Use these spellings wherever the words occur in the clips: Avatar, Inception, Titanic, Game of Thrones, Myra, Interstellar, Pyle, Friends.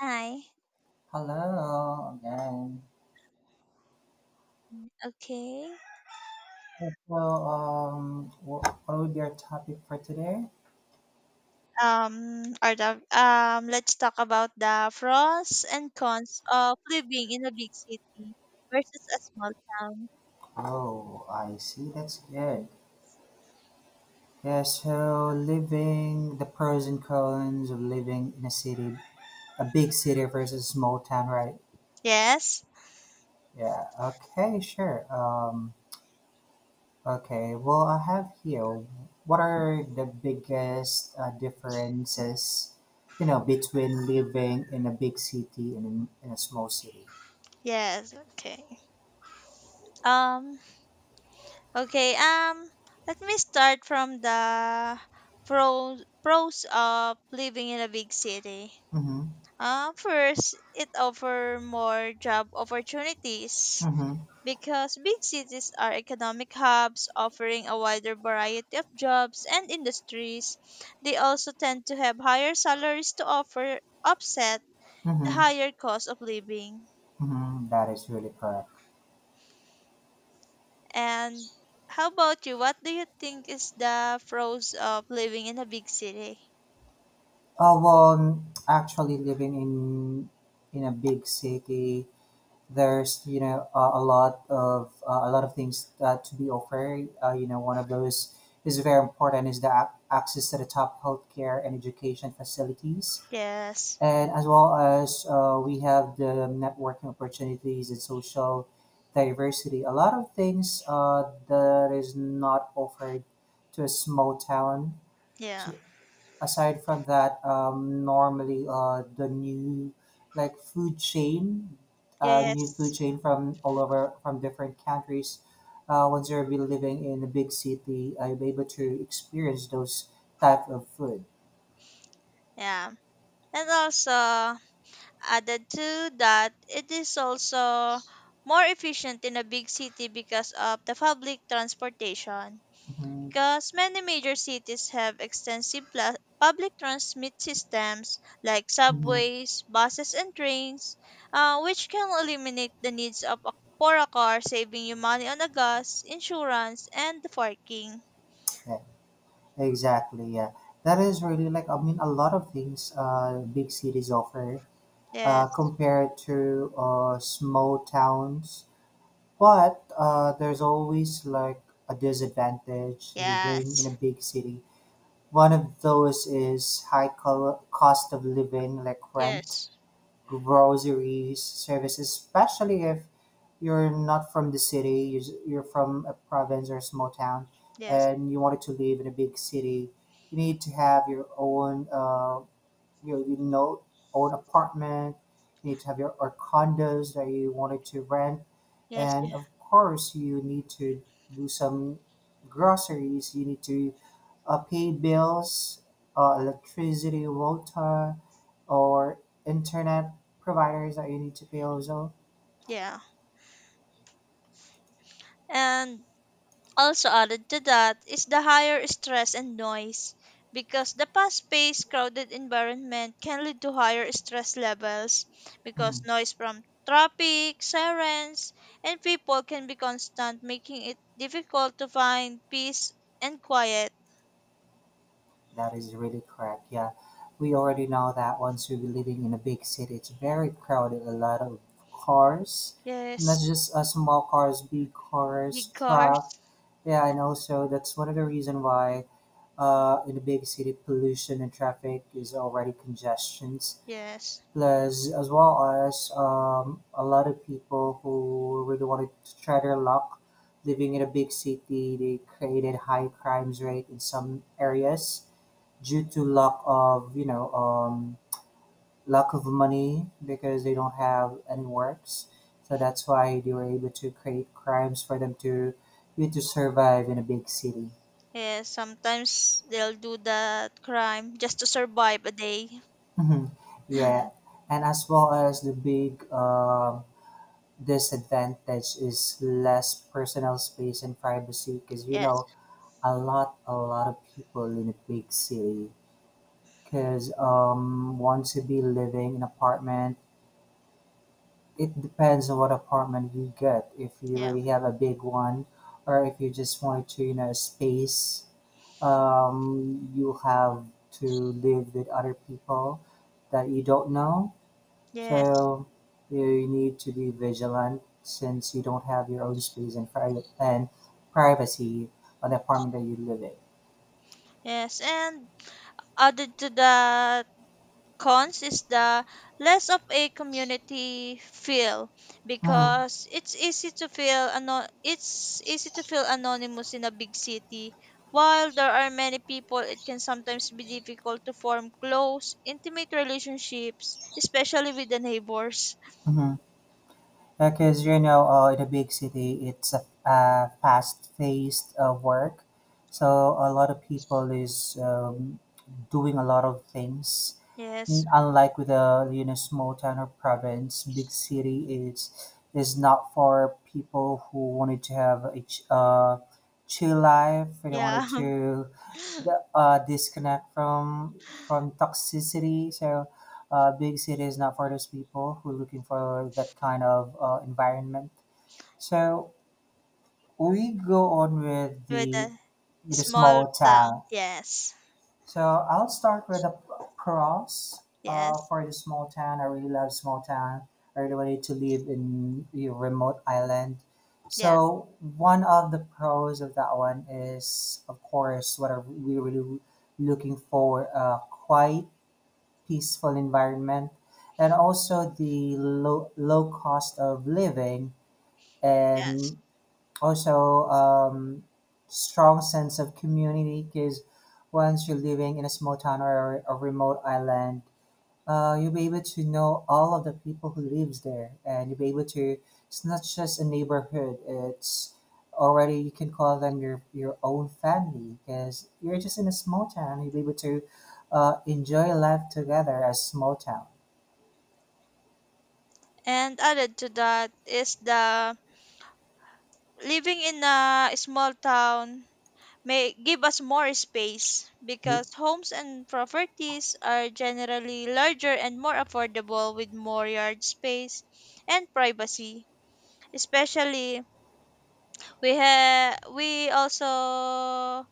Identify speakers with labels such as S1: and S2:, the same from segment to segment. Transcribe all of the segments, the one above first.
S1: Hi.
S2: Hello again.
S1: Okay.
S2: So, what would be our topic for today?
S1: Or let's talk about the pros and cons of living in a big city versus a small town.
S2: Oh, I see. That's good. Yeah. So, living the pros and cons of living in a city, a big city versus a small town, right?
S1: Yes.
S2: Yeah. Okay. Sure. Okay. Well, I have here. What are the biggest differences? You know, between living in a big city and in a small city.
S1: Yes. Okay. Um. Okay. Let me start from the pros of living in a big city.
S2: Mm-hmm.
S1: First, it offer more job opportunities.
S2: Mm-hmm.
S1: Because big cities are economic hubs offering a wider variety of jobs and industries. They also tend to have higher salaries to offer offset the
S2: Mhm,
S1: higher cost of living.
S2: mhm, that is really correct.
S1: And how about you? What do you think is the pros of living in a big city?
S2: Well, actually, living in a big city, there's a lot of things to be offered. You know, one of those is very important is the access to the top healthcare and education facilities,
S1: Yes.
S2: and as well as we have the networking opportunities and social diversity. A lot of things that is not offered to a small town.
S1: Yeah.
S2: So, aside from that, normally the new like food chain, new food
S1: Yes.
S2: chain from all over from different countries. Once you're be living in a big city, I'm able to experience those type of food.
S1: Yeah. And also added to that, it is also more efficient in a big city because of the public transportation,
S2: Hmm.
S1: because many major cities have extensive public transit systems like
S2: Hmm.
S1: subways, buses and trains, which can eliminate the needs of a, for a car, saving you money on the gas, insurance and the parking.
S2: Yeah, exactly. Yeah, that is really like I mean a lot of things. Big cities offer
S1: Yes,
S2: compared to small towns. But there's always like a disadvantage living in
S1: yes,
S2: a big city. One of those is high cost of living, like rent,
S1: yes,
S2: groceries, services, especially if you're not from the city, you're from a province or a small town,
S1: yes,
S2: and you wanted to live in a big city. You need to have your own you know, own apartment, you need to have your or condos that you wanted to rent
S1: yes,
S2: and of course you need to do some groceries, you need to pay bills, electricity, water or internet providers that you need to pay also.
S1: yeah. And also added to that is the higher stress and noise, because the fast-paced crowded environment can lead to higher stress levels, because
S2: Mm-hmm.
S1: noise from traffic, sirens, and people can be constant, making it difficult to find peace and quiet.
S2: That is really correct. Yeah. We already know that once we are living in a big city, it's very crowded, a lot of cars, not
S1: Yes,
S2: just small cars, big cars,
S1: big
S2: truck.
S1: cars.
S2: Yeah, and also that's one of the reason why in a big city, pollution and traffic is already congestions.
S1: Yes.
S2: Plus, as well as a lot of people who really wanted to try their luck living in a big city, they created high crimes rate in some areas due to lack of lack of money because they don't have any works, so that's why they were able to create crimes for them to you to survive in a big city.
S1: Yes, sometimes they'll do that crime just to survive a day.
S2: Mhm. Yeah. And as well as the big disadvantage is less personal space and privacy because you
S1: Yes.
S2: know a lot of people in a big city, because want to be living in apartment. It depends on what apartment you get. If you
S1: Yeah.
S2: really have a big one, or if you just want to, you know, space, you have to live with other people that you don't know.
S1: Yes.
S2: So you need to be vigilant since you don't have your own space and private and privacy on the apartment that you live in.
S1: Yes, and added to that cons is the less of a community feel, because it's easy to feel it's easy to feel anonymous in a big city. While there are many people, it can sometimes be difficult to form close intimate relationships, especially with the neighbors.
S2: Mm-hmm. Because you know, in a big city, it's a fast-paced work, so a lot of people is doing a lot of things.
S1: Yes.
S2: Unlike with a you know small town or province, big city is not for people who wanted to have a chill life. They
S1: Yeah.
S2: wanted to disconnect from toxicity. So, big city is not for those people who are looking for that kind of environment. So we go on
S1: With the
S2: with the
S1: small
S2: small
S1: town.
S2: town.
S1: Yes.
S2: So I'll start with the pros
S1: Yes.
S2: for the small town. I really love small town. I really wanted to live in a remote island.
S1: Yeah.
S2: So one of the pros of that one is, of course, what are we really looking for? A quiet, peaceful environment, and also the low cost of living
S1: Yes.
S2: and also, strong sense of community because once you're living in a small town or a remote island, you'll be able to know all of the people who lives there, and you'll be able to. It's not just a neighborhood; it's already you can call them your own family because you're just in a small town. You'll be able to enjoy life together as small town.
S1: And added to that is the living in a small town may give us more space,
S2: Mm-hmm.
S1: because homes and properties are generally larger and more affordable with more yard space and privacy, especially we also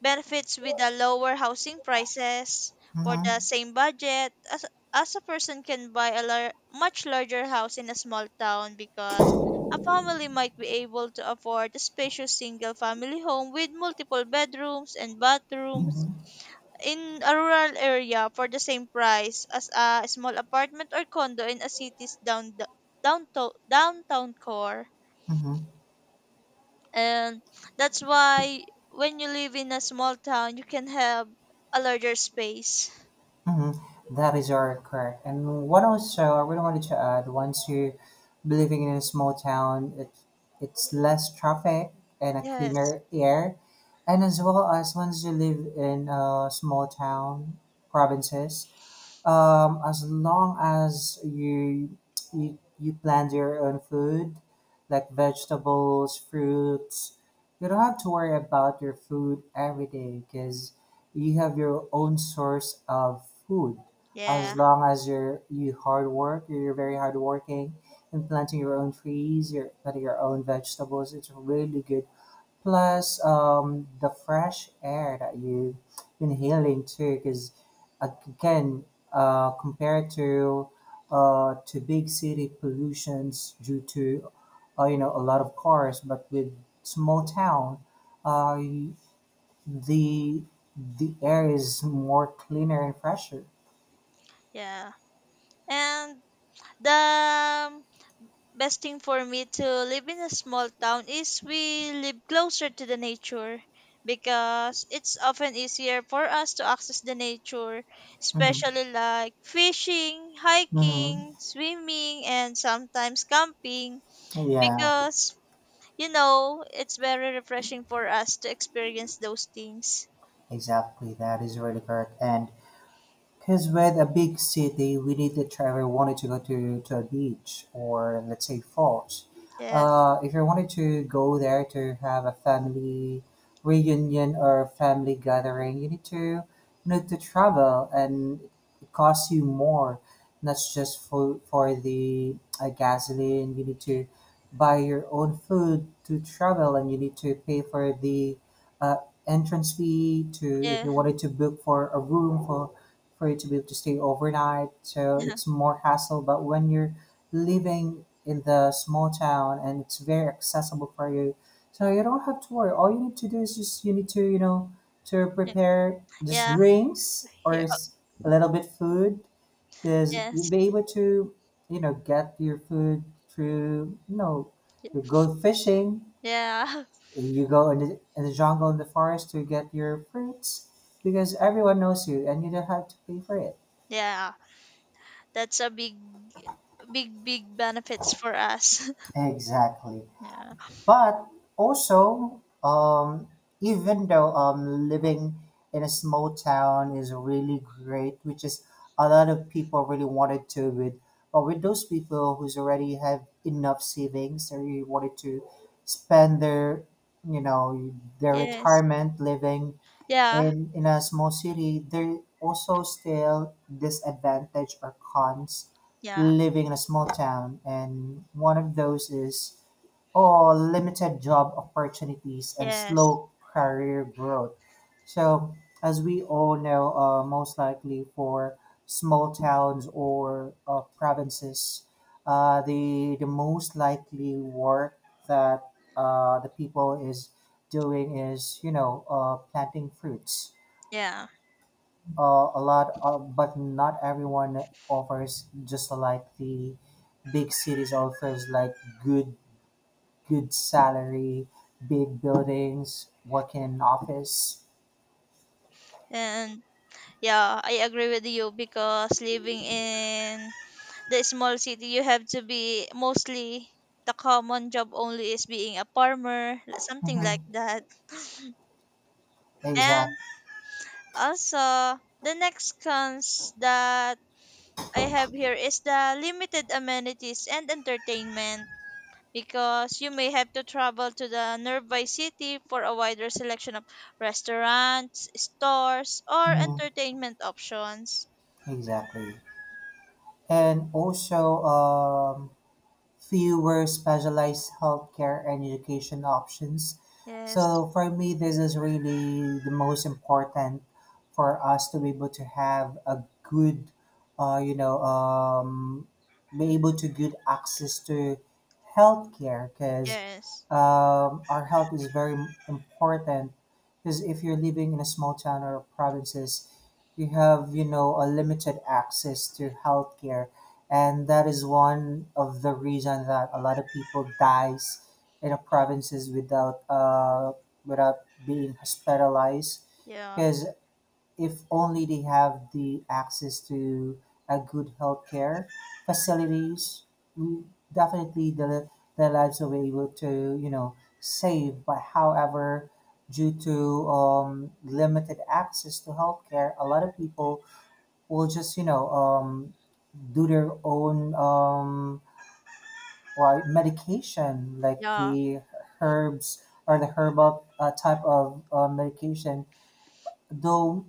S1: benefits with the lower housing prices for the same budget as a person can buy a much larger house in a small town, because a family might be able to afford a spacious single family home with multiple bedrooms and bathrooms
S2: Mm-hmm.
S1: in a rural area for the same price as a small apartment or condo in a city's down, downtown, downtown core.
S2: Mm-hmm.
S1: And that's why when you live in a small town, you can have a larger space.
S2: Mhm. That is all correct. And what also I really wanted to add, once you living in a small town, it, it's less traffic and a
S1: Yes.
S2: cleaner air. And as well as once you live in a small town, provinces, as long as you you plant your own food, like vegetables, fruits, you don't have to worry about your food every day because you have your own source of food. As
S1: Yeah.
S2: long as you're you hard work, you're very hardworking, and planting your own trees, your planting your own vegetables, it's really good. Plus, the fresh air that you inhaling too, because again, compared to big city pollutions due to you know a lot of cars, but with small town, uh, the the air is more cleaner and fresher.
S1: Yeah. And the best thing for me to live in a small town is we live closer to the nature, because it's often easier for us to access the nature,
S2: Mm-hmm.
S1: especially like fishing,
S2: Mm-hmm.
S1: hiking, swimming and sometimes camping.
S2: Yeah,
S1: Because you know, it's very refreshing for us to experience those things.
S2: exactly. That is really correct. And because with a big city, we need if I wanted to go to a beach or let's say falls,
S1: Yes.
S2: if you wanted to go there to have a family reunion or family gathering, you need to you know to travel and it costs you more. Not just for the gasoline. You need to buy your own food to travel, and you need to pay for the uh, entrance fee to if
S1: Yeah.
S2: you wanted to book for a room for you to be able to stay overnight. So it's more hassle. But when you're living in the small town and it's very accessible for you, so you don't have to worry. All you need to do is just you need to you know to
S1: Yeah.
S2: prepare just
S1: Yeah.
S2: drinks
S1: Yeah.
S2: a little bit food because
S1: Yeah.
S2: you'll
S1: Yes.
S2: be able to you know get your food through you know you go fishing,
S1: Yeah.
S2: you go in in the jungle in the forest to get your fruits because everyone knows you and you don't have to pay for it.
S1: Yeah. That's a big, big big benefits for us.
S2: Exactly.
S1: Yeah.
S2: But also, even though living in a small town is really great, which is a lot of people really wanted to with, but with those people who's already have enough savings, they really wanted to spend their, you know, their
S1: Yes.
S2: retirement living
S1: Yeah.
S2: in a small city, there also still disadvantage or cons
S1: Yeah.
S2: living in a small town. And one of those is or limited job opportunities and
S1: Yes.
S2: slow career growth. So, as we all know, most likely for small towns or provinces, the most likely work that the people is doing is you know planting fruits.
S1: Yeah.
S2: A lot, of, but not everyone offers just like the big cities offers like good good salary, big buildings, working in office.
S1: And yeah, I agree with you, because living in the small city, you have to be mostly the common job only is being a farmer, something
S2: Mm-hmm.
S1: like that. And
S2: Exact,
S1: also, the next cons that I have here is the limited amenities and entertainment, because you may have to travel to the nearby city for a wider selection of restaurants, stores, or
S2: mm-hmm,
S1: entertainment options.
S2: exactly. And also, fewer specialized healthcare and education options.
S1: Yes,
S2: So for me, this is really the most important for us to be able to have a good, uh, you know, um, be able to good access to healthcare because
S1: yes,
S2: our health is very important. Because if you're living in a small town or provinces, you have you know a limited access to healthcare, and that is one of the reason that a lot of people dies in the provinces without without being hospitalized
S1: yeah,
S2: because if only they have the access to a good healthcare facilities. Mm, definitely the their lives will be able to you know save, but however due to limited access to healthcare, a lot of people will just you know do their own why medication like
S1: yeah,
S2: the herbs or the herbal type of medication though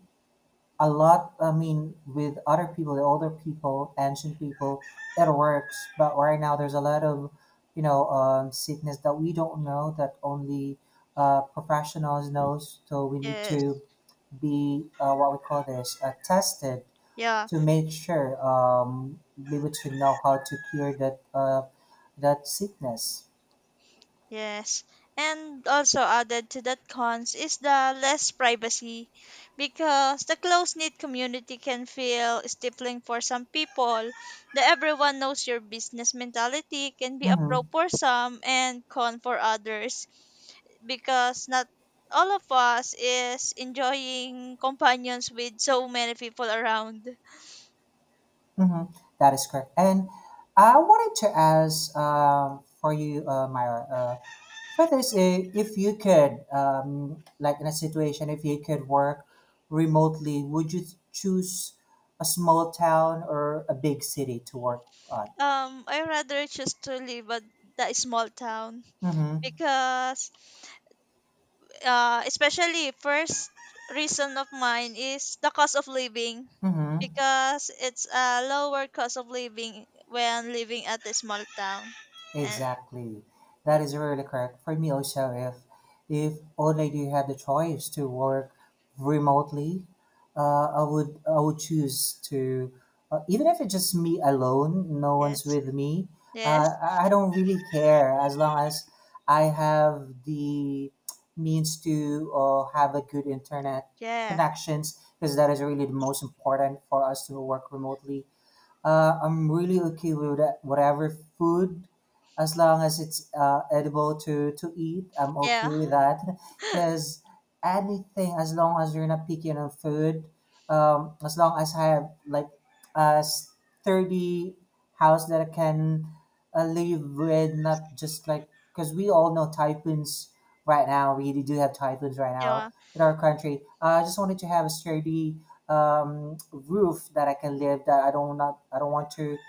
S2: a lot I mean with other people the older people ancient people it works, but right now there's a lot of you know sickness that we don't know that only professionals knows, so we need to
S1: yes,
S2: be what we call this tested
S1: yeah.
S2: to make sure we would to know how to cure that that sickness.
S1: Yes. And also added to that cons is the less privacy, because the close knit community can feel stifling for some people. The everyone knows your business mentality can be a pro
S2: Mm-hmm.
S1: for some and con for others, because not all of us is enjoying companions with so many people around.
S2: Mm-hmm. That is correct. And I wanted to ask for you, Myra, for this, if you could, like in a situation, if you could work remotely, would you choose a small town or a big city to work on?
S1: I rather choose to live at the small town,
S2: Mm-hmm.
S1: because especially first reason of mine is the cost of living,
S2: Mm-hmm.
S1: because it's a lower cost of living when living at a small town. And
S2: Exactly. That
S1: uh,
S2: is really correct. For me also, if already had the choice to work remotely, I would choose to even if it's just me alone, no one's
S1: yes,
S2: with me. Uh,
S1: yes,
S2: I I don't really care as long as I have the means to have a good internet
S1: yeah,
S2: connections because that is really the most important for us to work remotely. I'm really okay with that, whatever food, as long as it's edible to eat. I'm okay with
S1: yeah,
S2: that, because anything as long as you're not picky on food, as long as I have like a sturdy house that I can live with, not just like because we all know typhoons right now. We really do have typhoons right now
S1: yeah,
S2: in our country. I just wanted to have a sturdy roof that I can live that I don't not I don't want to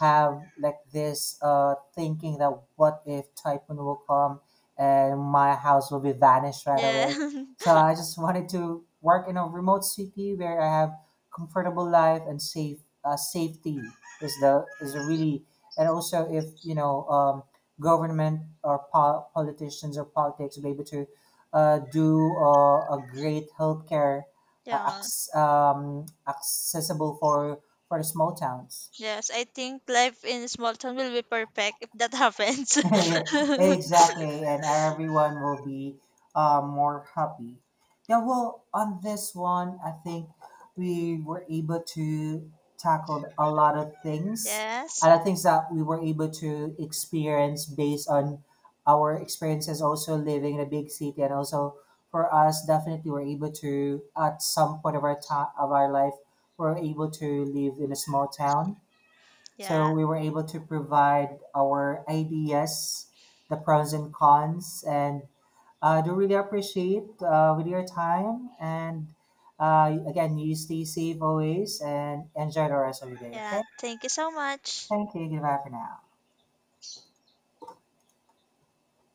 S2: have like this thinking that what if typhoon will come and my house will be vanished right
S1: yeah,
S2: away. So I just wanted to work in a remote city where I have comfortable life and safe safety is the is a really and also if you know government or politicians or politics be able to do a great healthcare
S1: yeah,
S2: accessible for small towns.
S1: yes. I think life in small town will be perfect if that happens.
S2: Exactly, and everyone will be more happy. Yeah, well, on this one, I think we were able to tackle a lot of things, a
S1: Yes,
S2: lot of things that we were able to experience based on our experiences also living in a big city, and also for us, definitely we're able to at some point of our time of our life, we're able to live in a small town so
S1: yeah,
S2: we were able to provide our ideas, the pros and cons, and I do really appreciate with your time. And again, you stay safe always and enjoy the rest of your day.
S1: yeah.
S2: Okay,
S1: Thank you so much.
S2: thank you. Goodbye for now.